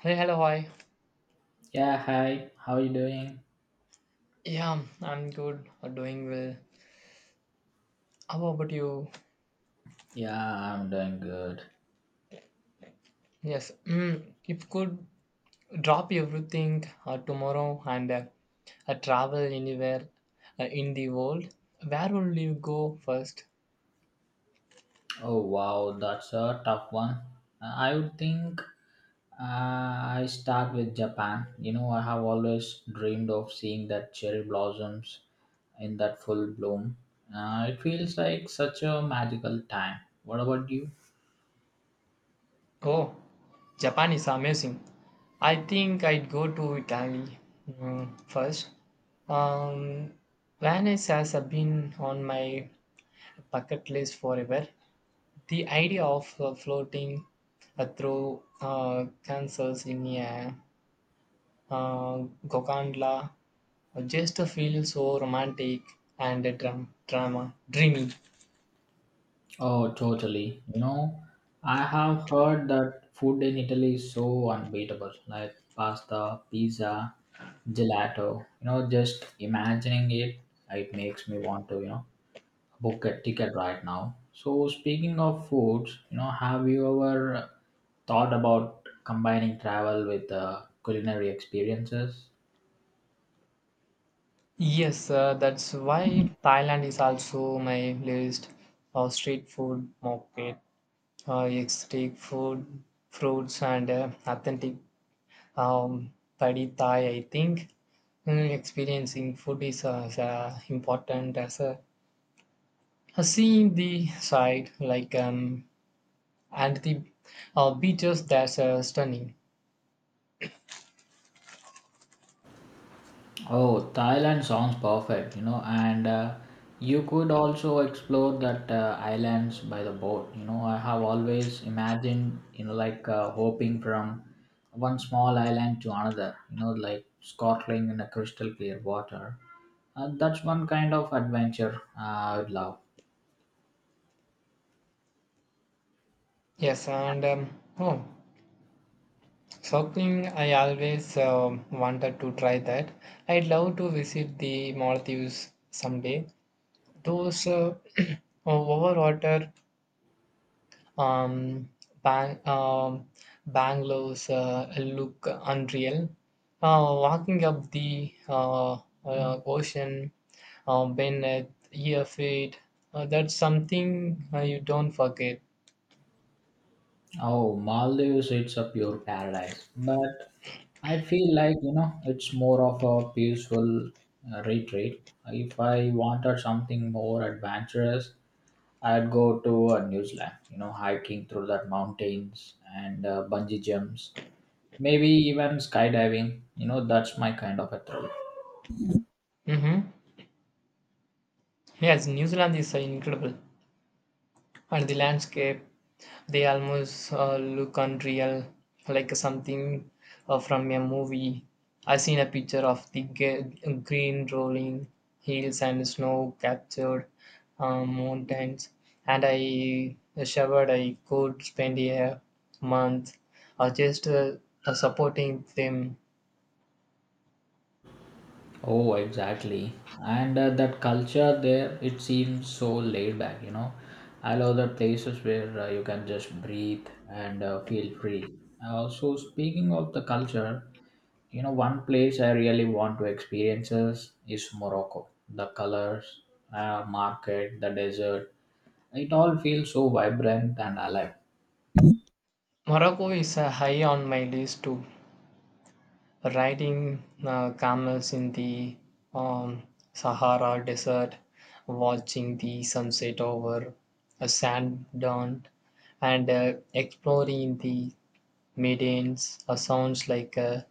Hey, hello, hi. Yeah, hi. How you doing? Yeah, I'm good, doing well. How about you? Yeah, I'm doing good. Yes, if could drop everything tomorrow and travel anywhere in the world, where will you go first? Oh wow, that's a tough one. I would think uh, I start with Japan. You know, I have always dreamed of seeing that cherry blossoms in that full bloom. It feels like such a magical time. What about you? Oh, Japan is amazing. I think I'd go to Italy first. Um, Venice has been on my bucket list forever. The idea of floating through castles in a uh, gondola just feels so romantic and drama dreamy. Oh, totally. You know, I have heard that food in Italy is so unbeatable, like pasta, pizza, gelato. You know, just imagining it, it makes me want to, you know, book a ticket right now. So, speaking of foods, you know, have you ever thought about combining travel with culinary experiences? Yes, that's why Thailand is also my list of street food market, exotic food, fruits, and authentic um, padi Thai. I think experiencing food is as important as a seeing the side like and the beaches that's stunning. Oh, Thailand sounds perfect, you know, and you could also explore that islands by the boat. You know, I have always imagined, you know, like hopping from one small island to another, you know, like snorkeling in a crystal clear water. That's one kind of adventure I would love. Yes, and oh surfing, I always wanted to try that. I'd love to visit the Maldives someday. Those over, um, bang, um, Bangalore's look unreal. Walking up the ocean beneath your feet, that's something you don't forget. Oh, Maldives, it's a pure paradise. But I feel like, you know, it's more of a peaceful retreat. If I wanted something more adventurous, I'd go to New Zealand, you know, hiking through the mountains and bungee jumps, maybe even skydiving. You know, that's my kind of a thrill. Hmm. Yes, New Zealand is incredible, and the landscape, they almost look unreal, like something from a movie. I seen a picture of the green rolling hills and snow captured mountains, and I shivered. I could spend a month just supporting them. Oh, exactly. And that culture there, it seems so laid back, you know. I love the places where you can just breathe and feel free. So, speaking of the culture, you know, one place I really want to experience is Morocco. The colors, market, the desert, it all feels so vibrant and alive. Morocco is high on my list too. Riding camels in the um, Sahara Desert, watching the sunset over a sand dune, and exploring the Medanes sounds like uh,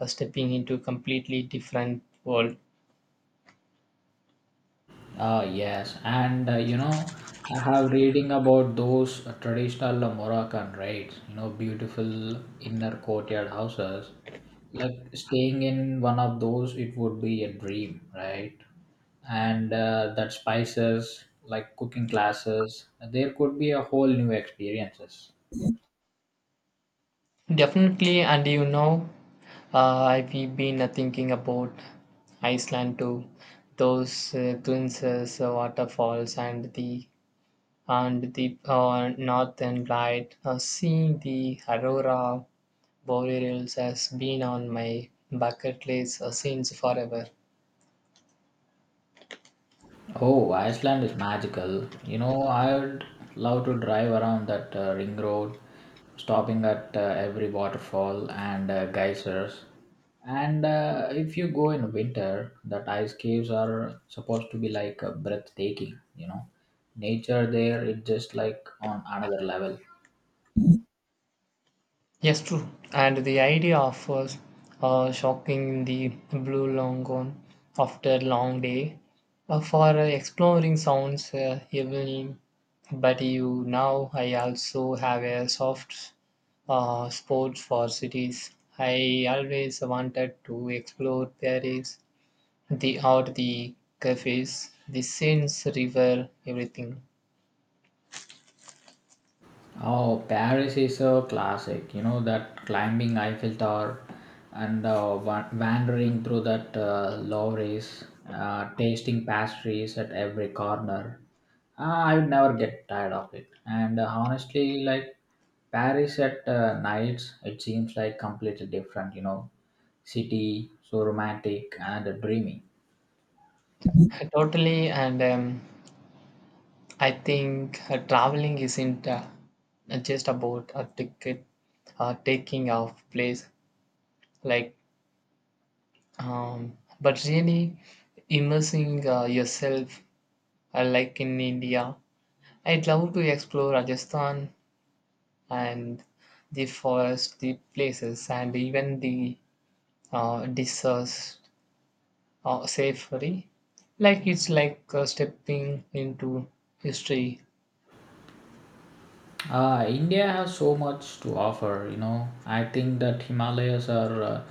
uh, stepping into a completely different world. Ah, yes, and you know, I have reading about those traditional Moroccan rites, you know, beautiful inner courtyard houses. Like staying in one of those, it would be a dream, right? And that spices, like cooking classes, there could be a whole new experiences. Definitely, and you know, I've been thinking about Iceland too. Those Twinsas waterfalls and the northern light. Seeing the aurora borealis has been on my bucket list since forever. Oh, Iceland is magical. You know, I'd love to drive around that ring road, stopping at every waterfall and geysers. And if you go in winter, that ice caves are supposed to be like breathtaking, you know. Nature there is just like on another level. Yes, true. And the idea of us shocking the blue longhorn after a long day for exploring sounds evening. But you now I also have a soft spot for cities. I always wanted to explore Paris. The art, the cafes, the scenes, river, everything. Oh, Paris is a classic. You know that climbing Eiffel Tower and wandering through that Louvre's, tasting pastries at every corner. Ah, I would never get tired of it. And honestly, like Paris at nights, it seems like completely different. You know, city so romantic and dreamy. Totally, and I think traveling isn't just about a ticket taking off place, like, but really immersing yourself, like in India. I'd love to explore Rajasthan and the forest, the places, and even the deserts safely. Like it's like stepping into history. India has so much to offer, you know. I think that Himalayas are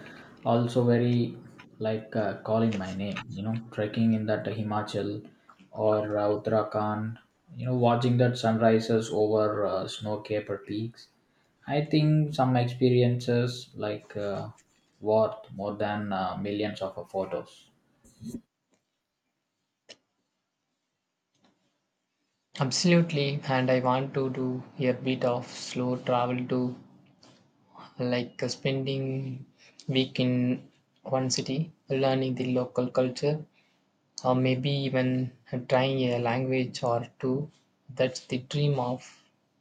also very like calling my name, you know, trekking in that Himachal or Uttarakhand, you know, watching that sunrises over snow-capped peaks. I think some experiences like worth more than millions of photos. Absolutely, and I want to do a bit of slow travel too, like spending week in one city, learning the local culture, or maybe even trying a language or two. That's the dream of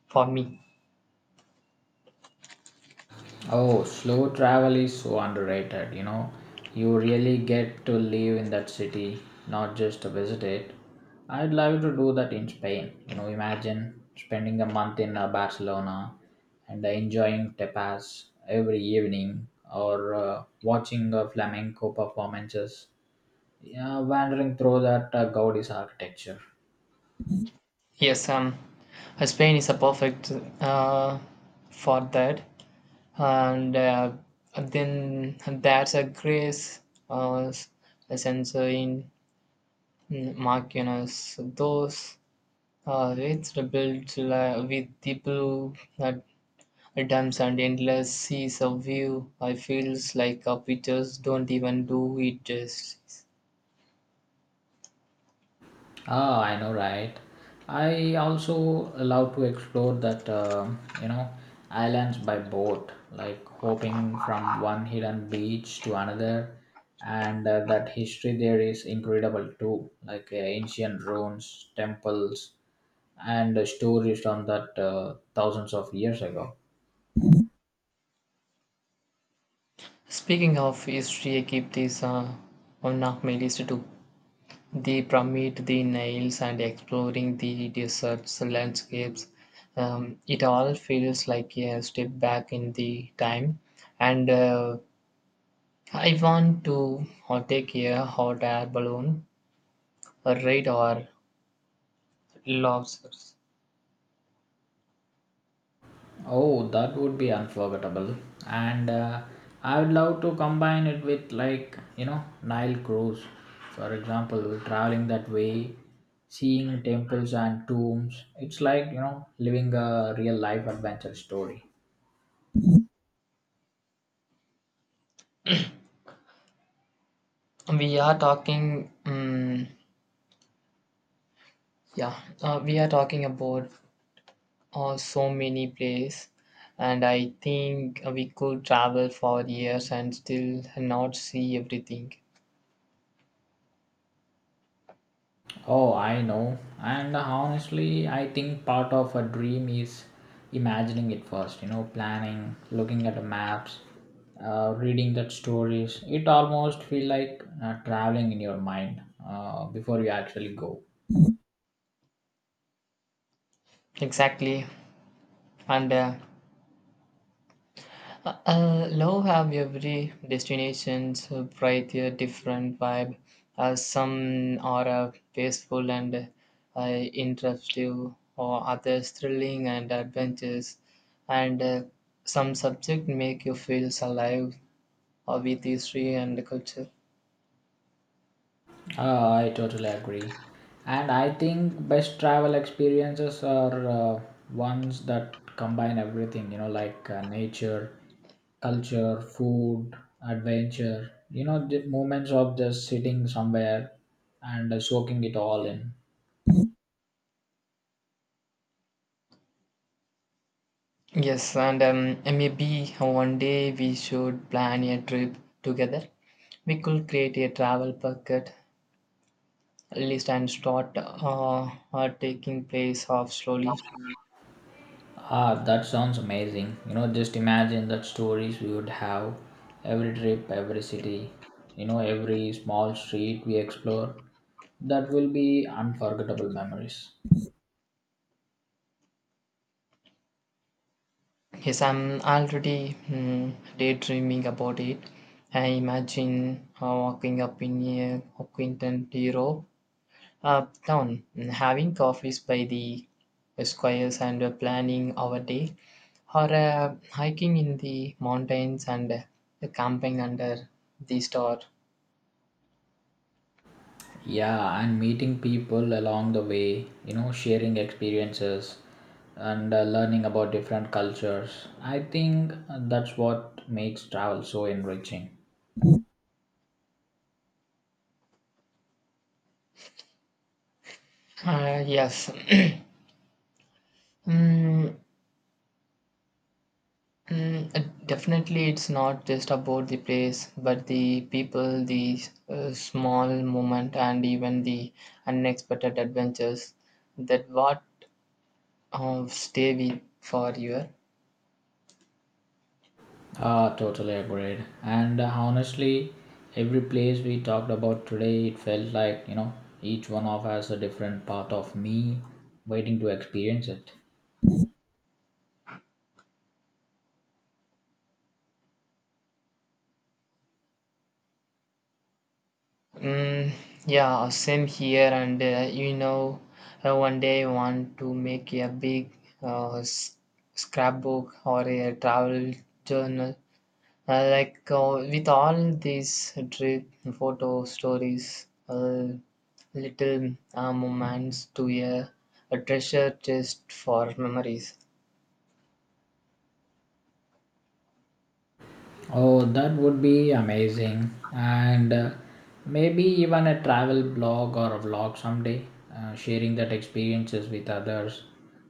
for me. Oh, slow travel is so underrated, you know. You really get to live in that city, not just to visit it. I'd love to do that in Spain. You know, imagine spending a month in Barcelona and enjoying tapas every evening or watching flamenco performances, yeah, wandering through that Gaudi's architecture. Yes, Spain is a perfect uh, for that, and then there's a grace uh, sensor in Marquinhos. Those it's with the blue uh, dumps and endless seas of view. I feels like our pictures don't even do it justice. Ah, I know, right? I also love to explore that, you know, islands by boat, like hopping from one hidden beach to another. And that history there is incredible too, like ancient ruins, temples, and stories on that thousands of years ago. Speaking of history, I keep this on my list too. The pyramid, the Niles, and exploring the deserts landscapes, it all feels like a step back in the time. And I want to take a hot air balloon, a ride, or lobsters. Oh, that would be unforgettable. And I would love to combine it with, like, you know, Nile cruise. For example, traveling that way, seeing temples and tombs. It's like, you know, living a real life adventure story. We are talking, yeah, we are talking about so many places, and I think we could travel for years and still not see everything. Oh, I know. And honestly, I think part of a dream is imagining it first, you know, planning, looking at the maps, reading that stories. It almost feel like traveling in your mind before you actually go. Exactly. And love have every destination's bright a different vibe. Some are peaceful and interactive or others thrilling and adventurous, and some subject make you feel alive with history and culture. I totally agree. And I think best travel experiences are ones that combine everything, you know, like nature, culture, food, adventure, you know, the moments of just sitting somewhere and soaking it all in. Yes, and maybe one day we should plan a trip together. We could create a travel bucket list and start are taking place off slowly. Ah, that sounds amazing. You know, just imagine that stories we would have every trip, every city, you know, every small street we explore. That will be unforgettable memories. Yes, I'm already daydreaming about it. I imagine walking up in a Quinton Hero uptown, having coffees by the squares and planning our day, or hiking in the mountains and camping under the star. Yeah, and meeting people along the way, you know, sharing experiences and learning about different cultures. I think that's what makes travel so enriching. Yes. Mm, definitely, it's not just about the place, but the people, the small moment, and even the unexpected adventures that what stay with for you. Ah, totally agreed. And honestly, every place we talked about today, it felt like, you know, each one of us a different part of me waiting to experience it. Mm, yeah, same here. And you know, one day I want to make a big uh, s- scrapbook or a travel journal, like with all these trip photo stories, little moments to a treasure chest for memories. Oh, that would be amazing. And maybe even a travel blog or a vlog someday, sharing that experiences with others,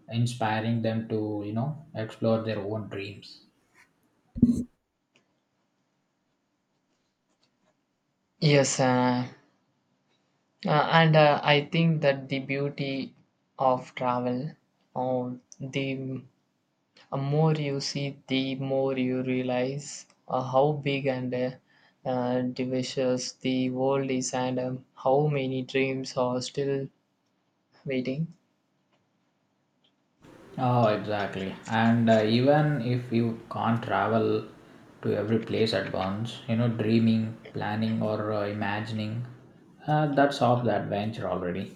inspiring them to, you know, explore their own dreams. Yes, and I think that the beauty of travel, or the more you see, the more you realize how big and diverse the world is, and how many dreams are still waiting. Oh, exactly. And even if you can't travel to every place at once, you know, dreaming, planning, or imagining, that's half the adventure already.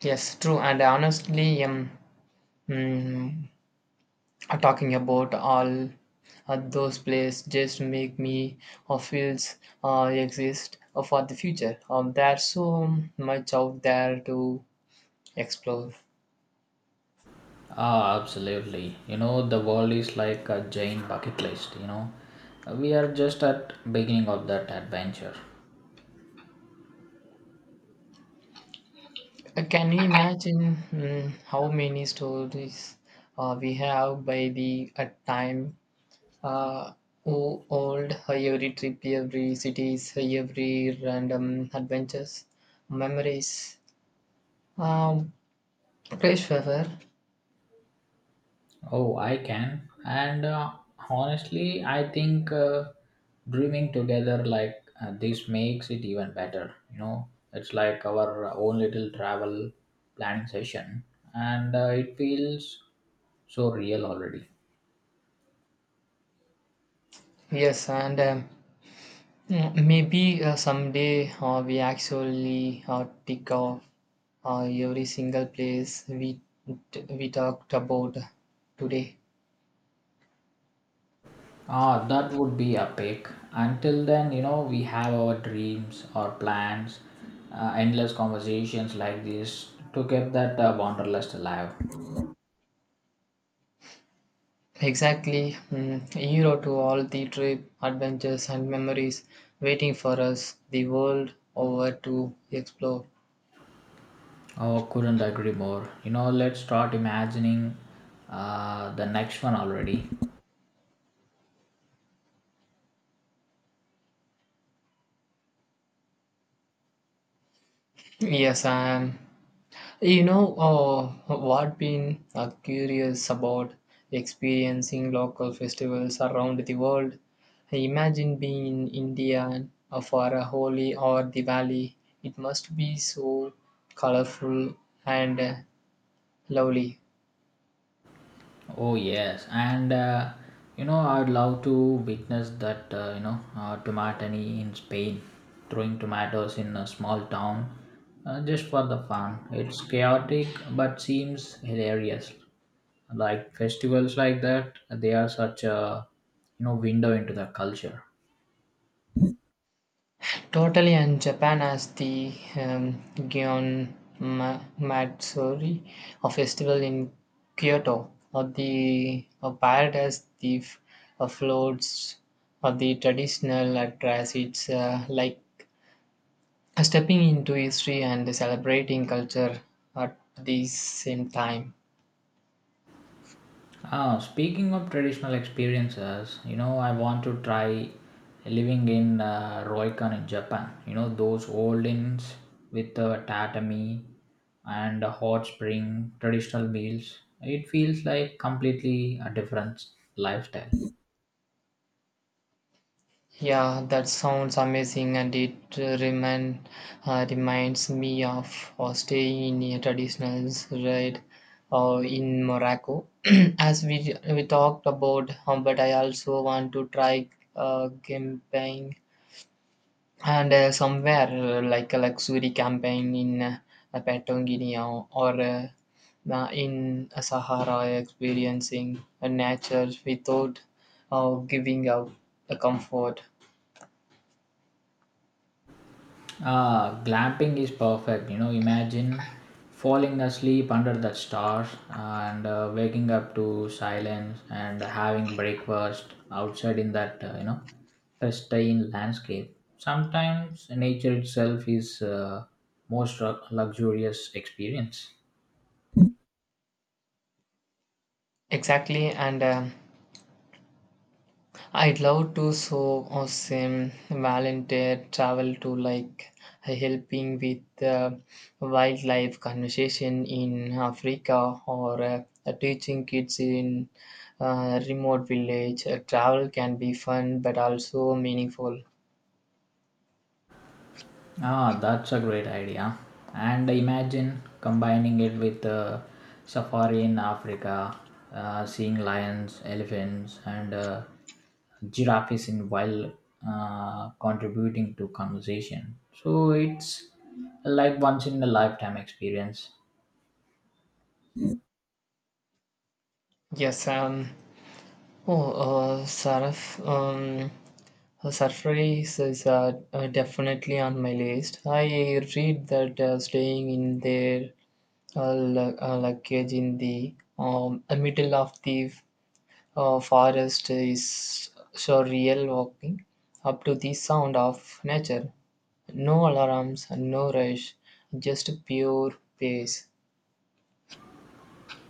Yes, true. And honestly, mm, talking about all those plays just make me feels exist for the future. There's so much out there to explore. Ah, absolutely. You know, the world is like a giant bucket list, you know. We are just at beginning of that adventure. Can you imagine how many stories we have by the time? Uh, old, every trip, every cities, every random adventures, memories. Um, Pleasure. Oh, I can. And honestly, I think dreaming together like this makes it even better, you know. It's like our own little travel planning session and it feels so real already. Yes, and maybe someday we actually pick off every single place we talked about today. Ah, that would be epic. Until then, you know, we have our dreams, our plans, endless conversations like this to keep that wanderlust alive. Exactly, a hero to all the trip, adventures, and memories waiting for us the world over to explore. Oh, couldn't agree more. You know, let's start imagining the next one already. Yes, I am. You know what been curious about experiencing local festivals around the world. Imagine being in India for a Holi or Diwali. It must be so colorful and lovely. Oh yes, and you know I'd love to witness that you know tomatani in Spain, throwing tomatoes in a small town, just for the fun. It's chaotic but seems hilarious. Like festivals like that, they are such a you know window into the culture. Totally, and Japan has the um, Gion Matsuri, a festival in Kyoto, or the a parrot has the floats, or the traditional dress. It's like stepping into history and celebrating culture at the same time. Ah, speaking of traditional experiences, you know, I want to try living in Ryokan in Japan. You know, those old inns with the tatami and a hot spring, traditional meals. It feels like completely a different lifestyle. Yeah, that sounds amazing, and it reminds me of staying in a traditional ride in Morocco, as we talked about. But I also want to try camping and somewhere like a luxury camping in Patagonia or in Sahara, experiencing a nature without giving up the comfort. Ah, glamping is perfect. You know, imagine falling asleep under the stars and waking up to silence and having breakfast outside in that, you know, pristine landscape. Sometimes nature itself is luxurious experience. Exactly, and I'd love to so awesome volunteer travel to like helping with wildlife conservation in Africa or teaching kids in remote village. Travel can be fun but also meaningful. Ah, that's a great idea. And imagine combining it with safari in Africa, seeing lions, elephants, and giraffes in wild, contributing to conversation. So it's like once in a lifetime experience. Yes, oh, Saraf, Surface is definitely on my list. I read that staying in their luggage in the middle of the forest is surreal walking up to the sound of nature. No alarms, no rush, just pure pace.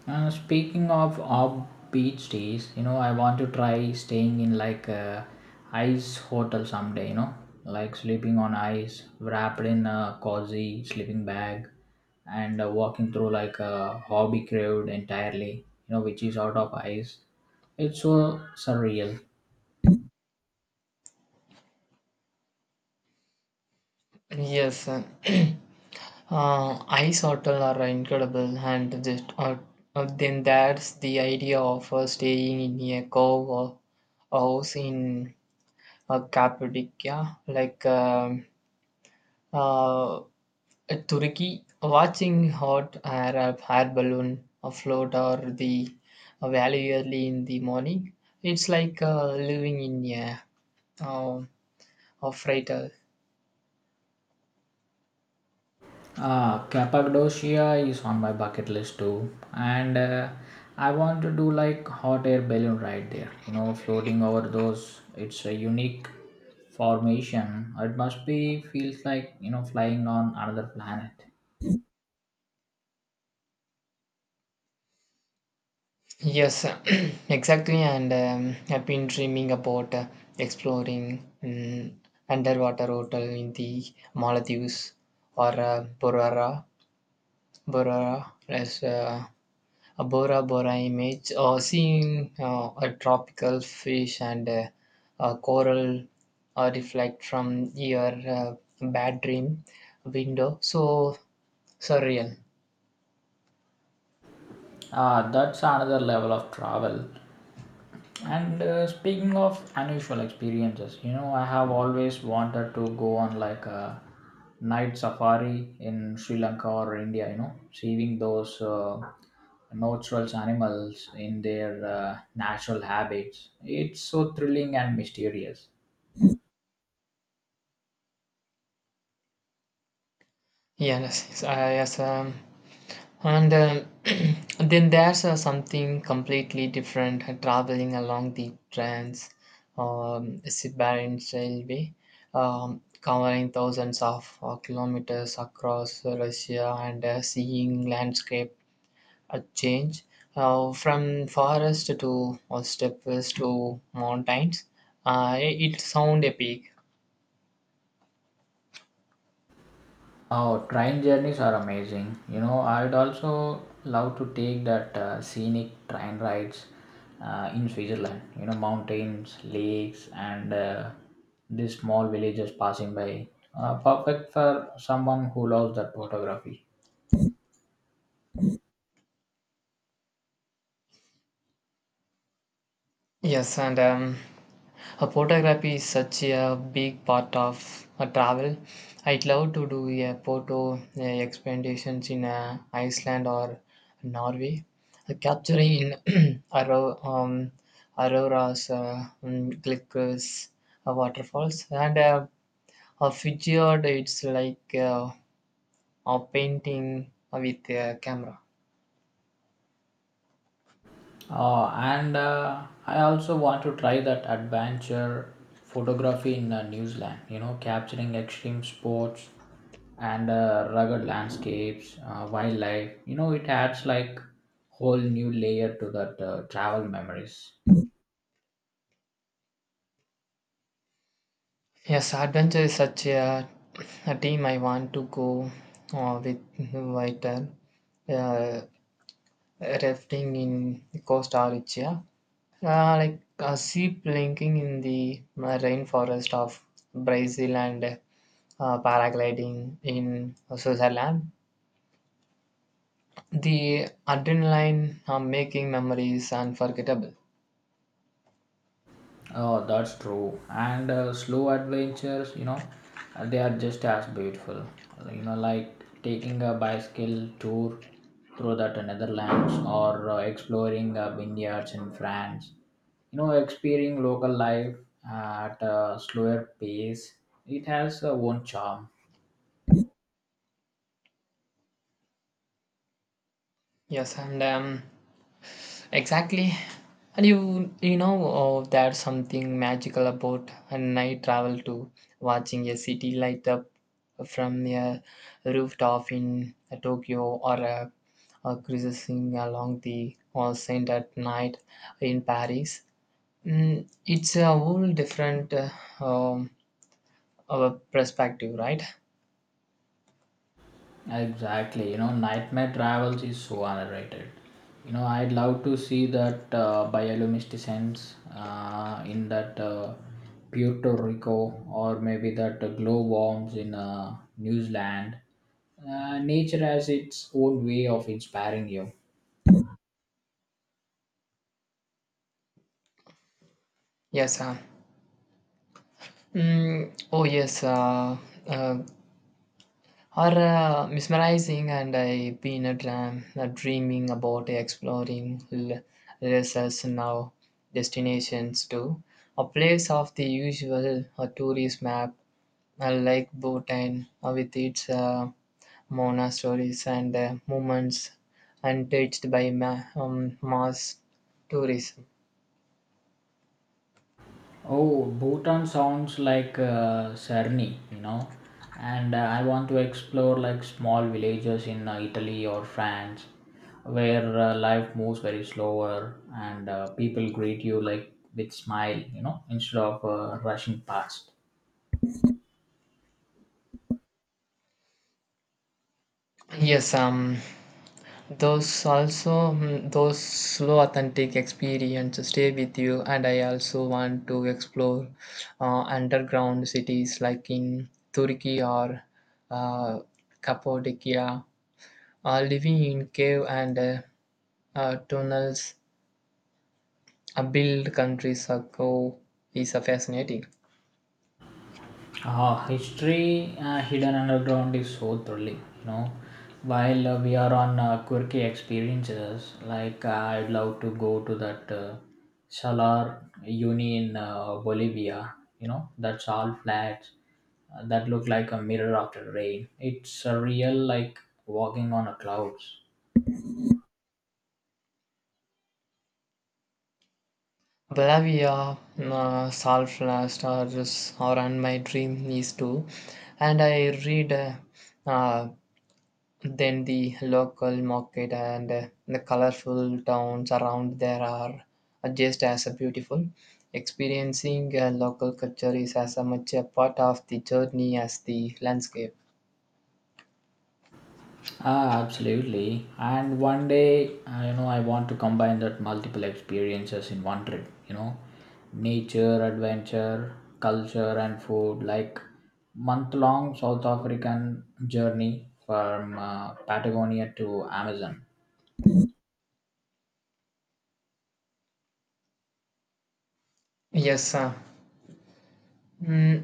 Speaking of off beach days, you know, I want to try staying in like a ice hotel someday, you know, like sleeping on ice, wrapped in a cozy sleeping bag, and walking through like a hobby crowd entirely, you know, which is out of ice. It's so surreal. Yes, ice hotel are incredible, and just then that's the idea of staying in a cove or house in Cappadocia, like uh, Turkey, watching hot air up air balloon afloat or the valley early in the morning, it's like living in uh, a freighter. Ah, Cappadocia is on my bucket list too, and I want to do like hot air balloon ride there. You know, floating over those. It's a unique formation. It must be feels like you know flying on another planet. Yes, exactly. And I've been dreaming about exploring underwater hotel in the Maldives or Burara, as a Bora Bora image, or seeing a tropical fish and a coral reflect from your bad dream window. So surreal. Ah, that's another level of travel. And speaking of unusual experiences, you know, I have always wanted to go on like a night safari in Sri Lanka or India, you know, seeing those natural animals in their natural habits. It's so thrilling and mysterious. Yes, and then there's something completely different, traveling along the trans Siberian railway, covering thousands of kilometers across Russia and seeing landscape change from forest to steppes to mountains. It sound epic. Oh, train journeys are amazing. You know, I'd also love to take that scenic train rides in Switzerland. You know, mountains, lakes, and these small villages passing by. Perfect for someone who loves that photography. Yes, and a photography is such a big part of a travel. I'd love to do a photo expeditions in Iceland or Norway, capturing aurora, um, auroras, glitters, waterfalls, and a fjord. It's like a painting with a camera. And I also want to try that adventure photography in New Zealand, you know, capturing extreme sports and rugged landscapes, wildlife. You know, it adds like whole new layer to that travel memories. Yes, adventure is such a team I want to go with later. Uh, Rafting in Costa Rica, like sea planking in the rainforest of Brazil, and paragliding in Switzerland. The adrenaline making memories unforgettable. Oh, that's true. And slow adventures, you know, they are just as beautiful. You know, like taking a bicycle tour through that Netherlands or exploring vineyards in France. You know, experiencing local life at a slower pace, it has a own charm. Yes, and exactly. And you know, oh, there's something magical about a night travel too. Watching a city light up from a rooftop in Tokyo or a cruising along the Seine at night in Paris. It's a whole different um, perspective, right? Exactly, you know, nightmare travels is so underrated. You know, I'd love to see that bioluminescence in that Puerto Rico, or maybe that glow in New Zealand. Uh, nature has its own way of inspiring you. Yes, sir. Oh, yes. Uh, are mesmerizing, and I've been a dreaming about exploring resources now destinations too. A place of the usual tourist map like Bhutan with its monasteries and movements untouched by mass tourism. Oh, Bhutan sounds like Sarni, you know. And I want to explore like small villages in Italy or France where life moves very slower and people greet you like with smile, you know, instead of rushing past. Yes, those also those slow authentic experiences stay with you, and I also want to explore underground cities like in Turkey or uh, Cappadocia. Living in cave and tunnels, build countries or go is fascinating. Ah, history hidden underground is so thrilling, you know. While we are on quirky experiences, like I'd love to go to that Salar Uni in Bolivia, you know, that's all flats that look like a mirror after rain. It's surreal, like walking on a clouds. Bolivia, Salt Last, or, and my dream is to, and I read. Uh, Then the local market and the colorful towns around there are just as beautiful. Experiencing local culture is as much a part of the journey as the landscape. Ah, absolutely. And one day, you know, I want to combine that multiple experiences in one trip. You know, nature, adventure, culture, and food. Like month-long South African journey from Patagonia to Amazon. Yes,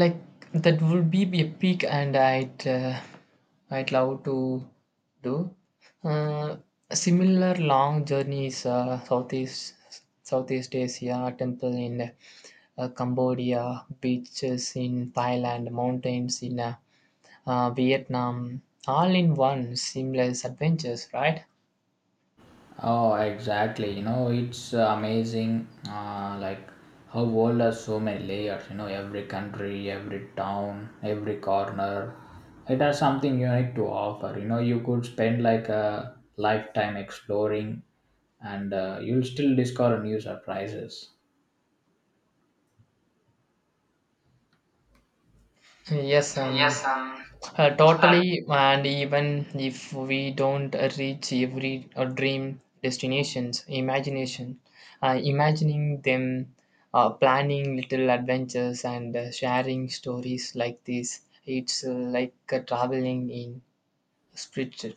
like that would be a peak, and I'd love to do. Uh, Similar long journeys, Southeast Asia temple in Cambodia, beaches in Thailand, mountains in Vietnam, all in one seamless adventures, right? Oh, exactly. You know, it's amazing, like how world has so many layers. You know, every country, every town, every corner, it has something unique to offer. You know, you could spend like a lifetime exploring, and you'll still discover new surprises. Yes, Yes, um. Totally. And even if we don't reach every dream destinations, imagining them, planning little adventures and sharing stories like this, it's like traveling in spirit.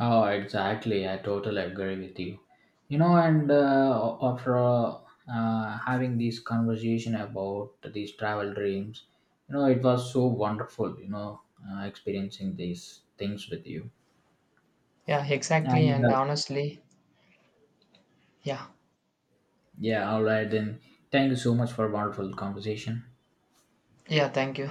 Oh, exactly. I totally agree with you. You know, and after having this conversation about these travel dreams, you know, it was so wonderful, you know, experiencing these things with you. Yeah, exactly. And And uh, honestly, yeah. yeah, all right, then thank you so much for a wonderful conversation. Yeah, thank you.